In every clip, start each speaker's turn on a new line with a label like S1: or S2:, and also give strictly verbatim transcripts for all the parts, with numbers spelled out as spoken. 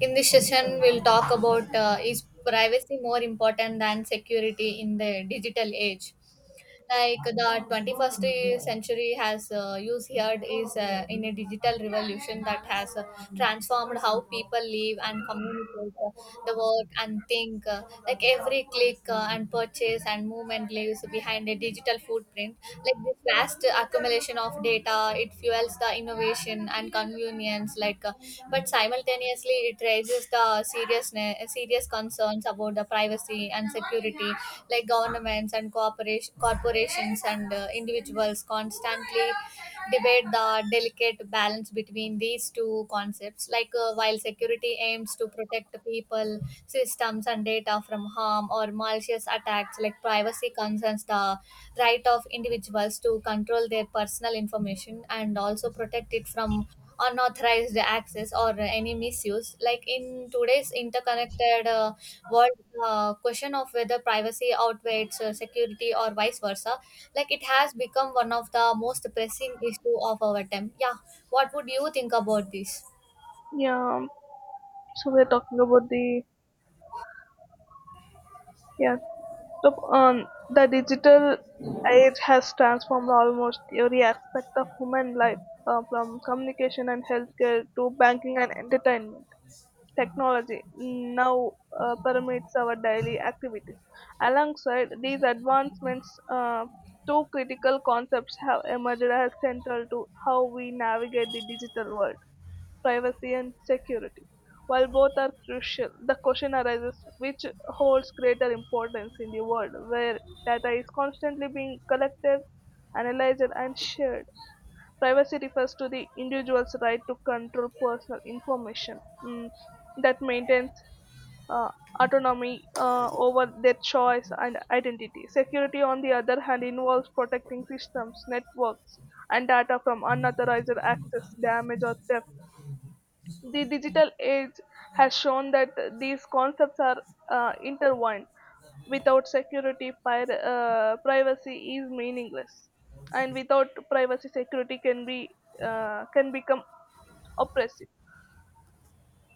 S1: In this session, we'll talk about, uh, is privacy more important than security in the digital age? Like the twenty-first century has uh, used here is uh, in a digital revolution that has uh, transformed how people live and communicate, uh, the work and think. Uh, like every click uh, and purchase and movement leaves behind a digital footprint. Like this vast accumulation of data, it fuels the innovation and convenience. Like uh, but cyber simultaneously it raises the seriousness serious concerns about the privacy and security, like governments and corporation, corporations and uh, individuals constantly debate the delicate balance between these two concepts, like uh, while security aims to protect people, systems and data from harm or malicious attacks, like privacy concerns the right of individuals to control their personal information and also protect it from unauthorized access or any misuse. Like in today's interconnected uh, world, uh, question of whether privacy outweighs uh, security or vice versa, like it has become one of the most pressing issue of our time. Yeah, what would you think about this?
S2: Yeah, so we're talking about the yeah, the um, the digital age has transformed almost every aspect of human life, uh, from communication and healthcare to banking and entertainment. Technology now uh, permeates our daily activities. Alongside these advancements, uh, two critical concepts have emerged as central to how we navigate the digital world: privacy and security. While both are crucial, the question arises which holds greater importance in the world where data is constantly being collected, analyzed, and shared. Privacy refers to the individual's right to control personal information mm, that maintains uh, autonomy uh, over their choice and identity. Security, on the other hand, involves protecting systems, networks, and data from unauthorized access, damage, or theft. The digital age has shown that these concepts are uh, intertwined. Without security, pir- uh, privacy is meaningless, and without privacy, security can be uh, can become oppressive.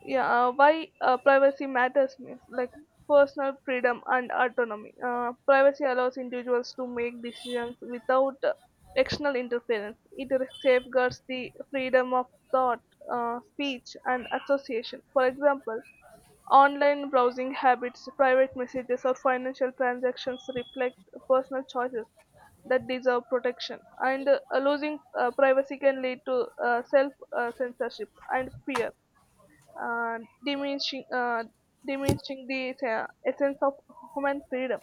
S2: Yeah, uh, why uh, privacy matters means, like, personal freedom and autonomy. Uh, privacy allows individuals to make decisions without uh, external interference. It safeguards the freedom of thought, uh, speech, and association. For example, online browsing habits, private messages, or financial transactions reflect personal choices that deserve protection. And uh, losing uh, privacy can lead to uh, self uh, censorship and fear, uh, diminishing, uh, diminishing the uh, essence of human freedom,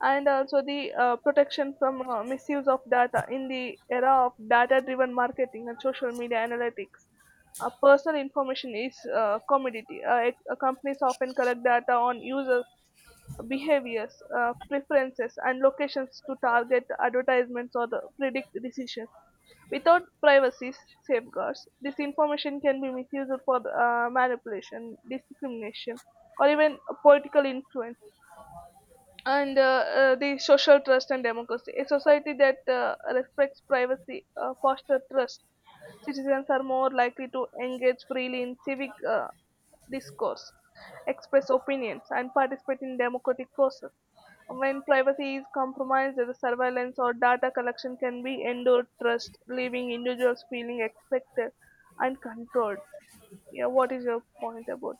S2: and also the uh, protection from uh, misuse of data in the era of data driven marketing and social media analytics. Uh, personal information is uh, commodity. Uh, ex- uh, companies often collect data on users' behaviors, uh, preferences, and locations to target advertisements or the predict decisions. Without privacy safeguards, this information can be misused for uh, manipulation, discrimination, or even political influence, and uh, uh, the social trust and democracy. A society that uh, respects privacy uh, fosters trust. Citizens are more likely to engage freely in civic uh, discourse, express opinions, and participate in democratic process. When privacy is compromised, the surveillance or data collection can be endured trust, leaving individuals feeling expected and controlled. Yeah, what is your point about?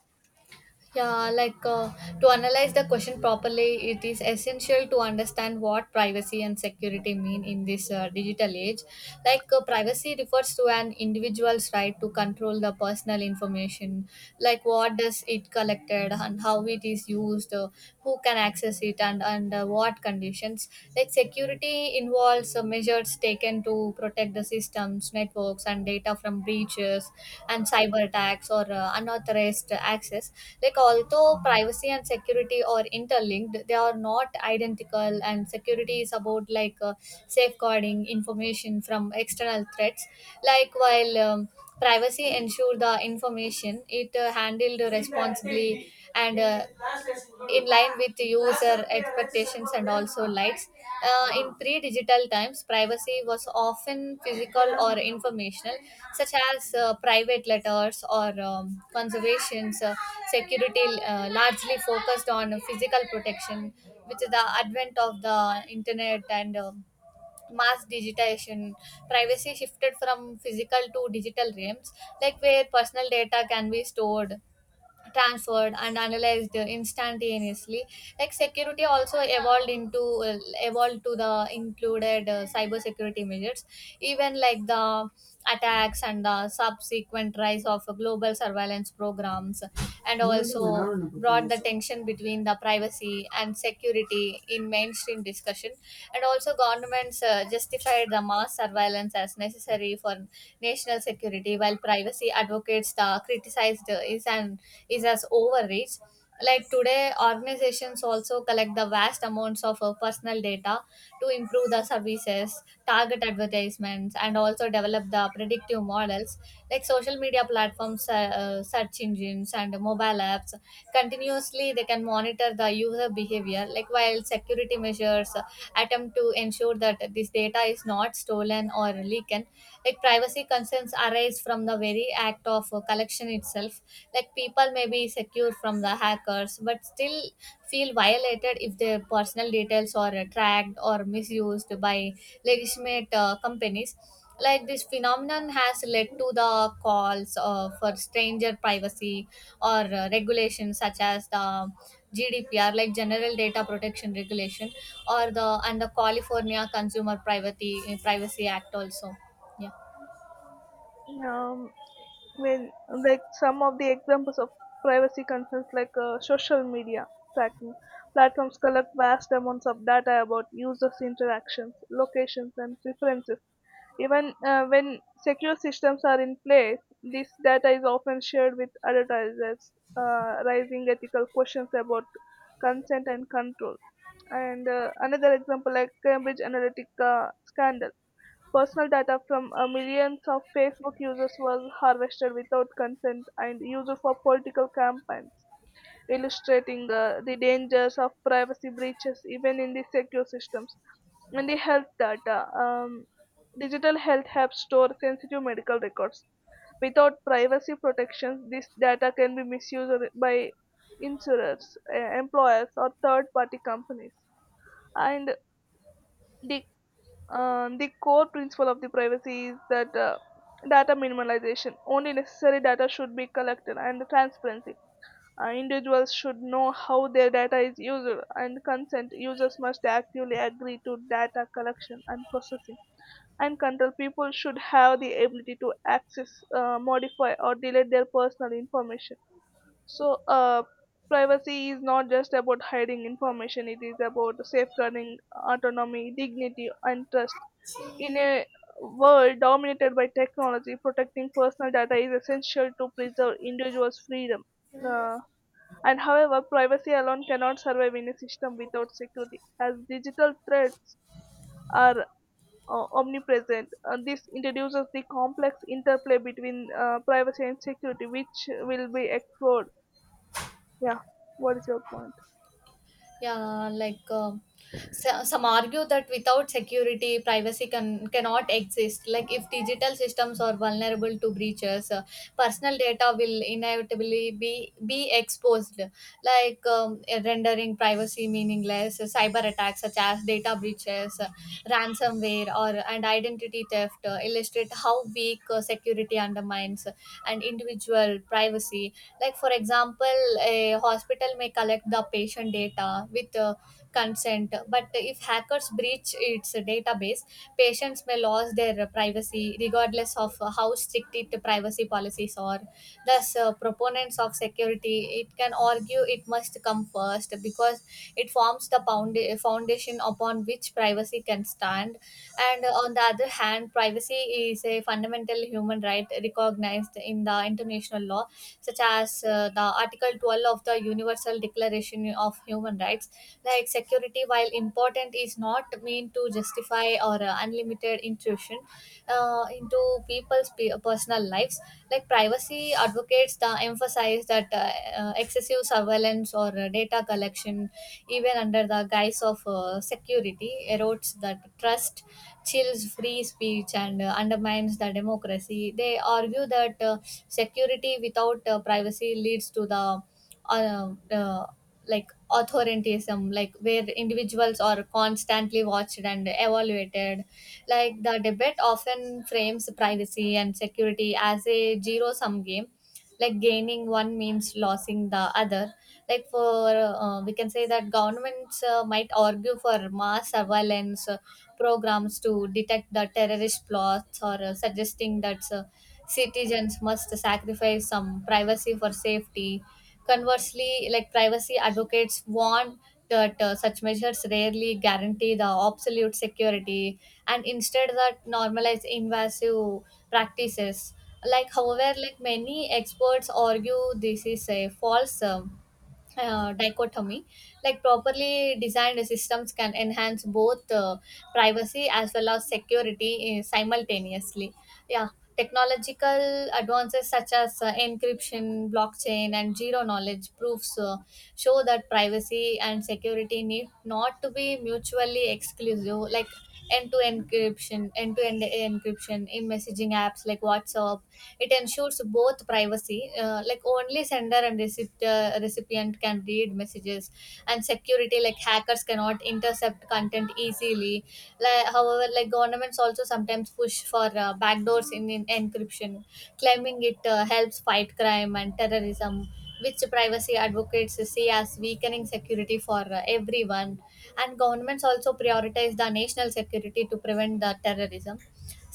S1: Yeah, like uh, to analyze the question properly, it is essential to understand what privacy and security mean in this uh, digital age. Like uh, privacy refers to an individual's right to control the personal information, like what does it collected and how it is used, uh, who can access it and under what conditions, like security involves uh, measures taken to protect the systems, networks and data from breaches and cyber attacks or uh, unauthorized access. Like although privacy and security are interlinked, they are not identical, and security is about like uh, safeguarding information from external threats, like while um, privacy ensure the information it uh, handled responsibly and uh, in line with user expectations and also likes. Uh, in pre digital times, privacy was often physical or informational, such as uh, private letters or um, conservations. Uh, security uh, largely focused on physical protection. With the advent of the internet and um mass digitization, privacy shifted from physical to digital realms, like where personal data can be stored, transferred and analyzed instantaneously. Like security also evolved into, uh, evolved to the included uh, cyber security measures, even like the attacks and the subsequent rise of global surveillance programs, and also brought the tension between the privacy and security in mainstream discussion. And also governments uh, justified the mass surveillance as necessary for national security, while privacy advocates the uh, criticized, uh, is an is as overreach. Like today, organizations also collect the vast amounts of uh, personal data to improve the services, target advertisements and also develop the predictive models. Like social media platforms, uh, uh, search engines and mobile apps continuously they can monitor the user behavior, like while security measures uh, attempt to ensure that this data is not stolen or leaked, like privacy concerns arise from from the very act of uh, collection itself. Like people may be secure from the hackers, but still feel violated if their personal details are uh, tracked or misused by legitimate uh, companies. Like this phenomenon has led to the calls uh, for stranger privacy or uh, regulations such as the G D P R, like General Data Protection Regulation, or the and the California Consumer Privacy Privacy Act also. Yeah.
S2: Um, When, like some of the examples of privacy concerns, like uh, social media tracking, platforms collect vast amounts of data about users' interactions, locations, and preferences. Even uh, when secure systems are in place, this data is often shared with advertisers, uh, raising ethical questions about consent and control. And uh, another example, like Cambridge Analytica scandal. Personal data from uh, millions of Facebook users was harvested without consent and used for political campaigns, illustrating uh, the dangers of privacy breaches even in the secure systems. And the health data. Um, digital health apps store sensitive medical records. Without privacy protections, this data can be misused by insurers, uh, employers, or third party companies. And the um, the core principle of the privacy is that uh, data minimalization. Only necessary data should be collected, and transparency. Uh, individuals should know how their data is used, and consent. Users must actively agree to data collection and processing. And control: people should have the ability to access, uh, modify, or delete their personal information. So, uh, privacy is not just about hiding information, it is about safeguarding autonomy, dignity, and trust. In a world dominated by technology, protecting personal data is essential to preserve individuals' freedom. Uh, and however, privacy alone cannot survive in a system without security. As digital threats are uh, omnipresent, uh, this introduces the complex interplay between uh, privacy and security, which will be explored. Yeah, what is your point?
S1: Yeah, like uh, so, some argue that without security, privacy can, cannot exist. Like if digital systems are vulnerable to breaches, uh, personal data will inevitably be, be exposed, like um, rendering privacy meaningless. Cyber attacks such as data breaches, uh, ransomware, or and identity theft uh, illustrate how weak uh, security undermines and individual privacy. Like for example, a hospital may collect the patient data with uh, consent. But if hackers breach its database, patients may lose their privacy, regardless of how strict it privacy policies are. Thus, uh, proponents of security it can argue it must come first because it forms the founda- foundation upon which privacy can stand. And uh, on the other hand, privacy is a fundamental human right recognized in the international law, such as uh, the Article twelve of the Universal Declaration of Human Rights. Like security, while important, is not meant to justify or uh, unlimited intrusion uh, into people's pe- personal lives. Like privacy advocates, the emphasize that uh, uh, excessive surveillance or uh, data collection, even under the guise of uh, security, erodes that trust, chills free speech and uh, undermines the democracy. They argue that uh, security without uh, privacy leads to the uh, uh, like authoritarianism, like where individuals are constantly watched and evaluated. Like the debate often frames privacy and security as a zero sum game, like gaining one means losing the other, like for uh, we can say that governments uh, might argue for mass surveillance uh, programs to detect the terrorist plots or uh, suggesting that uh, citizens must sacrifice some privacy for safety. Conversely, like privacy advocates warn that uh, such measures rarely guarantee the absolute security and instead that normalize invasive practices. Like, however, like many experts argue this is a false um, uh, dichotomy, like properly designed systems can enhance both uh, privacy as well as security uh, simultaneously, yeah. Technological advances such as uh, encryption, blockchain and zero knowledge proofs uh, show that privacy and security need not to be mutually exclusive, like end-to-end encryption end-to-end encryption in messaging apps like WhatsApp, it ensures both privacy, uh, like only sender and receipt, uh, recipient can read messages, and security, like hackers cannot intercept content easily. Like, however, like governments also sometimes push for uh, backdoors in, in encryption, claiming it uh, helps fight crime and terrorism, which privacy advocates see as weakening security for uh, everyone. And governments also prioritize the national security to prevent the terrorism,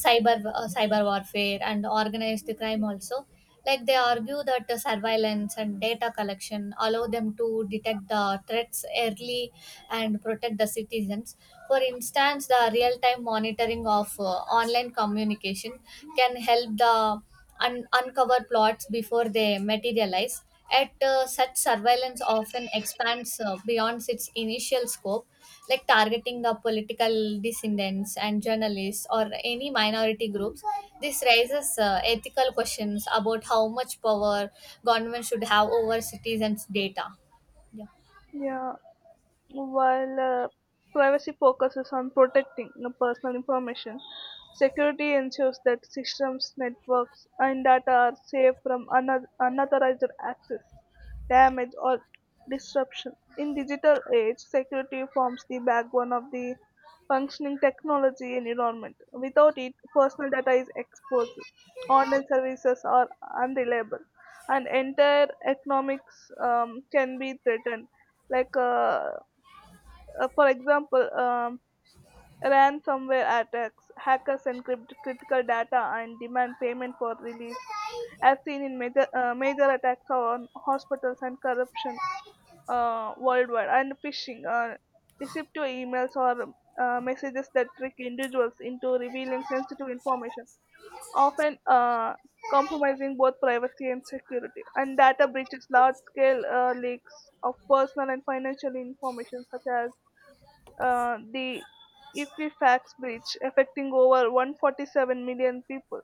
S1: cyber uh, cyber warfare and organized crime also, like they argue that the surveillance and data collection allow them to detect the threats early and protect the citizens. For instance, the real time monitoring of uh, online communication can help the un- uncover plots before they materialize at, uh, such surveillance often expands uh, beyond its initial scope, like targeting the political dissidents and journalists or any minority groups. This raises uh, ethical questions about how much power government should have over citizens' data. Yeah.
S2: Yeah. While uh, privacy focuses on protecting the personal information, security ensures that systems, networks, and data are safe from unauthorized unauthorized access, damage, or disruption. In digital age, security forms the backbone of the functioning technology environment. Without it, personal data is exposed, online services are unreliable, and entire economics um, can be threatened, like uh, uh, for example, um, ransomware attacks, hackers encrypt critical data and demand payment for release, as seen in major, uh, major attacks on hospitals and corruption uh, worldwide, and phishing, uh, deceptive emails or uh, messages that trick individuals into revealing sensitive information, often uh, compromising both privacy and security. And data breaches, large scale uh, leaks of personal and financial information, such as uh, the Equifax breach affecting over one hundred forty-seven million people.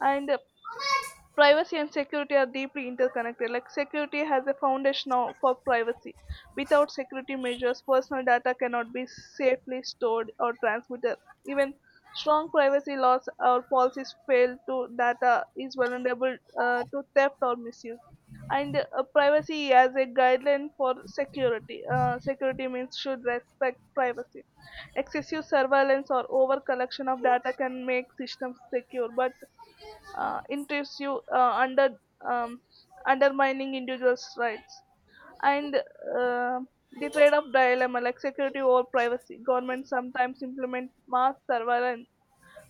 S2: And uh, privacy and security are deeply interconnected. Like security has a foundation now for privacy. Without security measures, personal data cannot be safely stored or transmitted. Even strong privacy laws or policies fail to data is vulnerable uh, to theft or misuse, and uh, privacy as a guideline for security. Uh, security means should respect privacy. Excessive surveillance or over collection of data can make systems secure but uh, intrusive, uh, under um, undermining individuals' rights, and uh, the trade-off dilemma, like security over privacy. Governments sometimes implement mass surveillance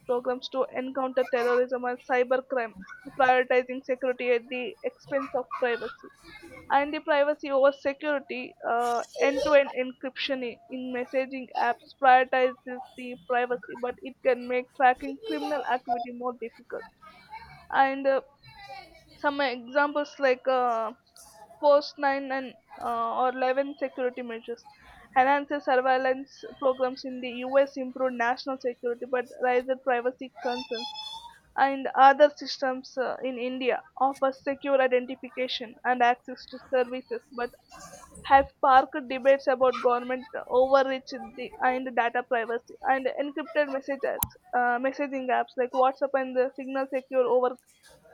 S2: programs to encounter terrorism and cybercrime, prioritizing security at the expense of privacy. And the privacy over security, uh, end-to-end encryption i- in messaging apps prioritizes the privacy, but it can make tracking criminal activity more difficult. And uh, some examples, like uh, post nine and uh, or eleven security measures. Enhanced surveillance programs in the U S improved national security but raised privacy concerns. And other systems uh, in India offer secure identification and access to services, but has sparked debates about government overreach the- and data privacy and encrypted message apps, uh, messaging apps like WhatsApp and the Signal secure over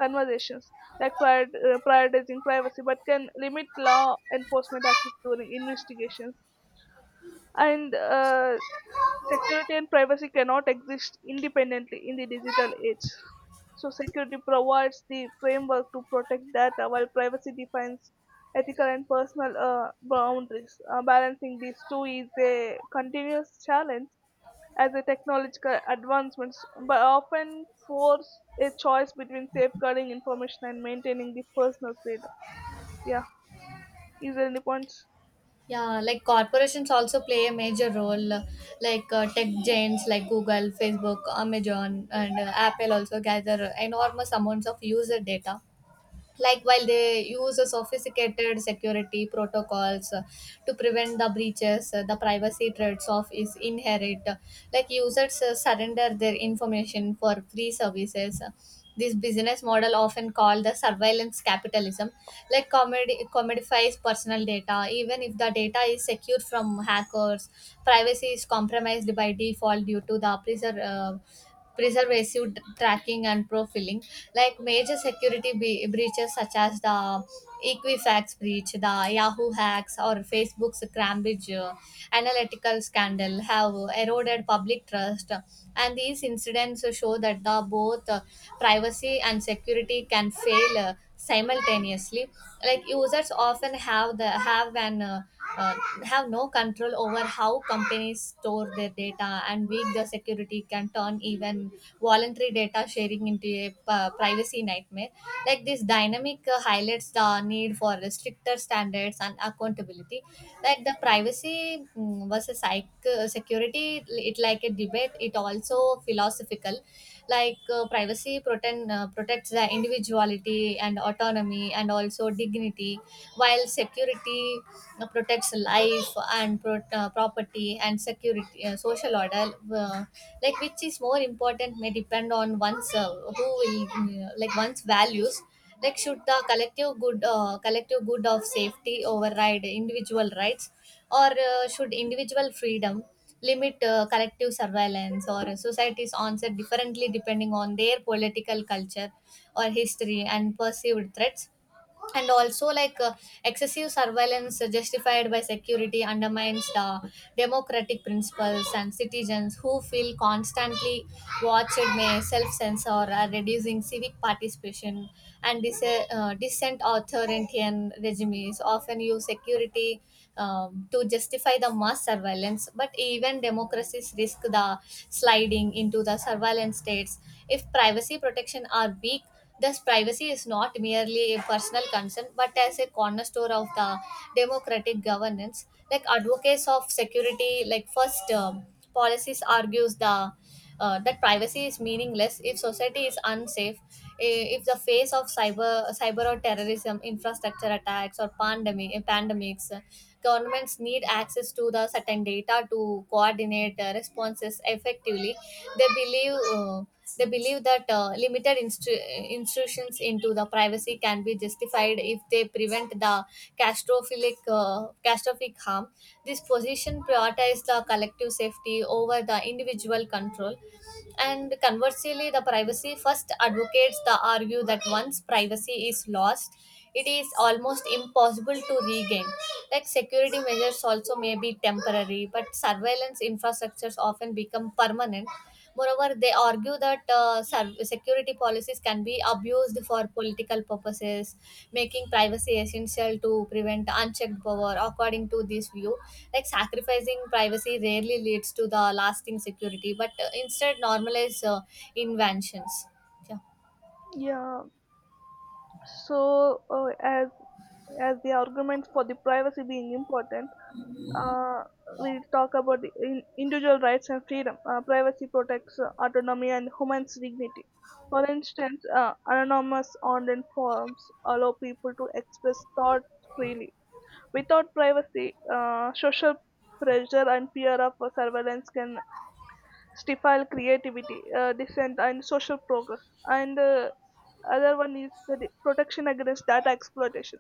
S2: conversations, like prior, uh, prioritizing privacy but can limit law enforcement access during investigations, and uh, security and privacy cannot exist independently in the digital age. So, security provides the framework to protect data, while privacy defines ethical and personal uh, boundaries. Uh, balancing these two is a continuous challenge as the technological advancements, but often force a choice between safeguarding information and maintaining the personal freedom. Yeah, is there any points?
S1: Yeah, like corporations also play a major role, uh, like uh, tech giants like Google, Facebook, Amazon, and uh, Apple also gather enormous amounts of user data, like while they use a sophisticated security protocols uh, to prevent the breaches, uh, the privacy threats of is inherent, like users uh, surrender their information for free services. This business model often called the surveillance capitalism, like comedy commodifies personal data. Even if the data is secure from hackers, privacy is compromised by default due to the preser- uh, preservative tracking and profiling. Like major security be- breaches such as the Equifax breach, the Yahoo hacks or Facebook's Cambridge uh, analytical scandal have eroded public trust, and these incidents show that the both uh, privacy and security can fail uh, simultaneously. Like users often have the have an uh, uh, have no control over how companies store their data, and weak the security can turn even voluntary data sharing into a p- privacy nightmare. Like this dynamic uh, highlights the need for stricter standards and accountability. Like the privacy, mm, versus psych- uh, security, it like a debate it also philosophical, like uh, privacy protect, uh, protects the individuality and autonomy and also dignity, while security uh, protects life and pro- uh, property and security, uh, social order, uh, like which is more important may depend on one's uh, who will uh, like one's values. Like should the collective good uh, collective good of safety override individual rights, or uh, should individual freedom limit uh, collective surveillance, or societies answer differently depending on their political culture or history and perceived threats. And also like uh, excessive surveillance justified by security undermines the democratic principles, and citizens who feel constantly watched may self-censor are reducing civic participation and dis- uh, dissent. Authoritarian regimes often use security um, to justify the mass surveillance, but even democracies risk the sliding into the surveillance states if privacy protection are weak. Thus, privacy is not merely a personal concern but as a cornerstone of the democratic governance. Like advocates of security, like first um, policies argues the uh, that privacy is meaningless if society is unsafe, I- if the face of cyber cyber or terrorism infrastructure attacks or pandemic pandemics, uh, governments need access to the certain data to coordinate uh, responses effectively. They believe uh, they believe that uh, limited instru- intrusions into the privacy can be justified if they prevent the catastrophic uh, catastrophic harm. This position prioritizes the collective safety over the individual control. And conversely, the privacy first advocates the argue that once privacy is lost, it is almost impossible to regain. Like security measures also may be temporary, but surveillance infrastructures often become permanent. Moreover, they argue that uh, serv- security policies can be abused for political purposes, making privacy essential to prevent unchecked power. According to this view, like sacrificing privacy rarely leads to the lasting security, but uh, instead normalize uh, inventions. Yeah.
S2: Yeah. So, uh, as as the argument for the privacy being important, uh, we talk about the in- individual rights and freedom. Uh, privacy protects uh, autonomy and human's dignity. For instance, uh, anonymous online forums allow people to express thoughts freely. Without privacy, uh, social pressure and fear of surveillance can stifle creativity, uh, dissent, and social progress. And uh, other one is the protection against data exploitation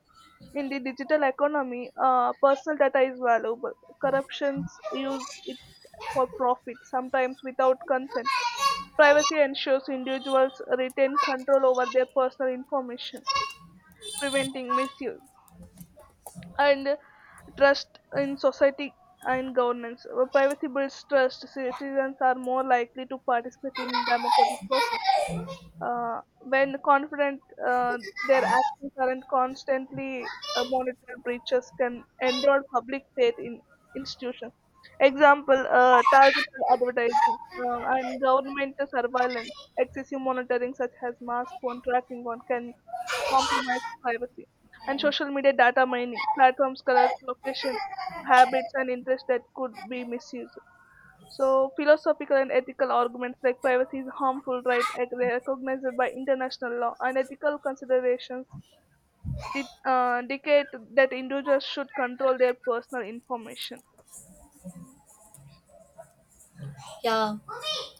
S2: in the digital economy. Uh, personal data is valuable. Corruptions use it for profit, sometimes without consent. Privacy ensures individuals retain control over their personal information, preventing misuse. And trust in society and governance. Uh, Privacy builds trust. Citizens are more likely to participate in democratic process uh, when confident uh, their actions aren't constantly uh, monitored. Breaches can erode public faith in institutions. Example: uh, targeted advertising uh, and government surveillance. Excessive monitoring such as mass phone tracking on can compromise privacy, and social media data mining platforms collect location, habits, and interests that could be misused. So, philosophical and ethical arguments, like privacy is harmful right, ec- recognized by international law, and ethical considerations di- uh, dictate that individuals should control their personal information.
S1: Yeah,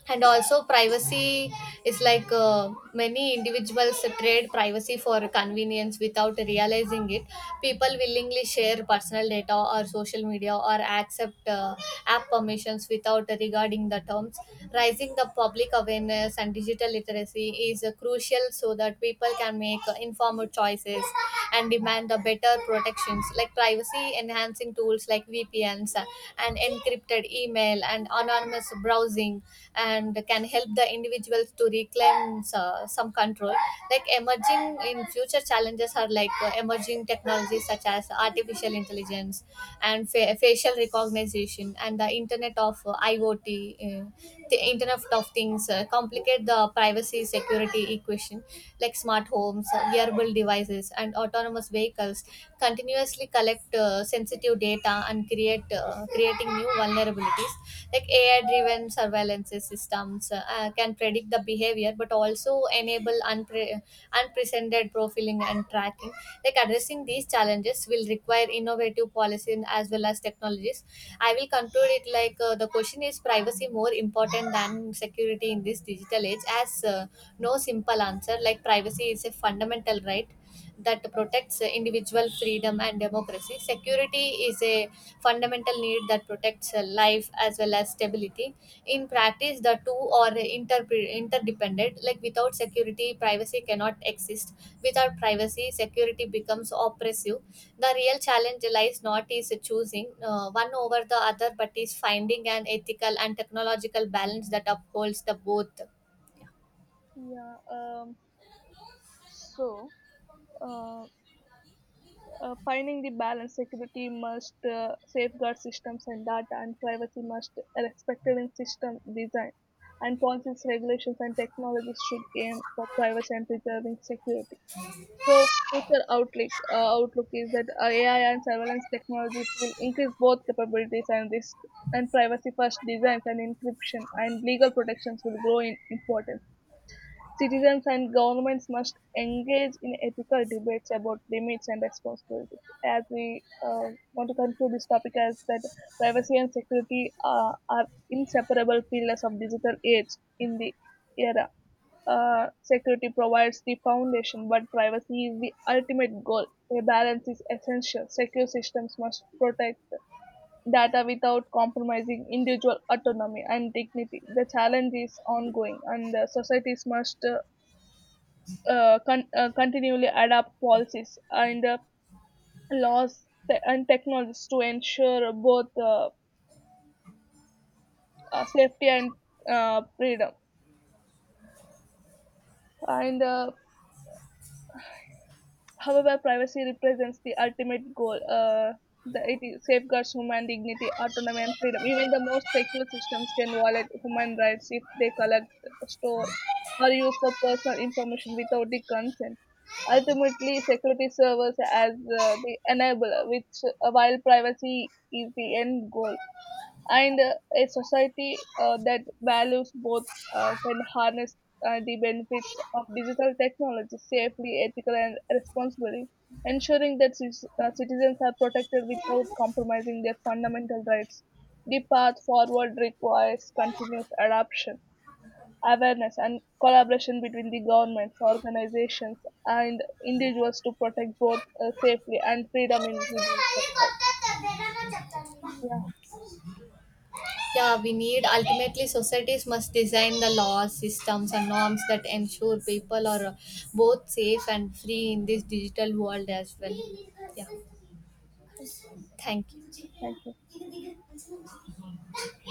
S1: and also privacy is like uh, many individuals trade privacy for convenience without realizing it. People willingly share personal data or social media or accept uh, app permissions without regarding the terms. Rising the public awareness and digital literacy is uh, crucial so that people can make uh, informed choices and demand the better protections, like privacy enhancing tools like V P Ns, uh, and encrypted email and anonymous browsing, and can help the individuals to reclaim uh, some control. Like emerging in future challenges are like uh, emerging technologies such as artificial intelligence and fa- facial recognition and the internet of uh, iot uh, the internet of things, uh, complicate the privacy security equation, like smart homes, uh, wearable devices, vehicles and autonomous vehicles continuously collect uh, sensitive data and create uh, creating new vulnerabilities. Like AI driven surveillance systems, uh, uh, can predict the behavior but also enable unpre- unprecedented profiling and tracking. Like addressing these challenges will require innovative policy as well as technologies. I will conclude it, like uh, the question is privacy more important than security in this digital age as, uh, no simple answer. Like privacy is a fundamental right that protects uh, individual freedom and democracy. Security is a fundamental need that protects uh, life as well as stability. In practice, the two are inter- interdependent. Like without security, privacy cannot exist. Without privacy, security becomes oppressive. The real challenge lies not is choosing uh, one over the other, but is finding an ethical and technological balance that upholds the both.
S2: Yeah. Um, so, uh, uh, Finding the balance, security must uh, safeguard systems and data, and privacy must be respected in system design. And policies, regulations, and technologies should aim for privacy and preserving security. So future outlook, uh, outlook is that uh, A I and surveillance technologies will increase both capabilities and risk, and privacy-first designs and encryption and legal protections will grow in importance. Citizens and governments must engage in ethical debates about limits and responsibilities. As we uh, want to conclude this topic, as that privacy and security uh, are inseparable pillars of digital age in the era, uh, security provides the foundation, but privacy is the ultimate goal. A balance is essential. Secure systems must protect data without compromising individual autonomy and dignity. The challenge is ongoing, and uh, societies must uh, uh, con- uh, continually adapt policies and uh, laws te- and technologies to ensure both uh, uh, safety and uh, freedom. And uh, However, privacy represents the ultimate goal. Uh, the, it is- safeguards human dignity, autonomy, and freedom. Even the most secure systems can violate human rights if they collect, store, or use for personal information without the consent. Ultimately, security serves as uh, the enabler, which uh, while privacy is the end goal, and uh, a society uh, that values both uh, can harness uh, the benefits of digital technology safely, ethically, and responsibly, ensuring that cis- uh, citizens are protected without compromising their fundamental rights. The path forward requires continuous adoption, awareness, and collaboration between the governments, organizations, and individuals to protect both uh, safely and freedom in the digital world. Yeah,
S1: Yeah, we need ultimately societies must design the laws, systems, and norms that ensure people are uh, both safe and free in this digital world as well. Yeah, thank
S2: thank you.
S1: you.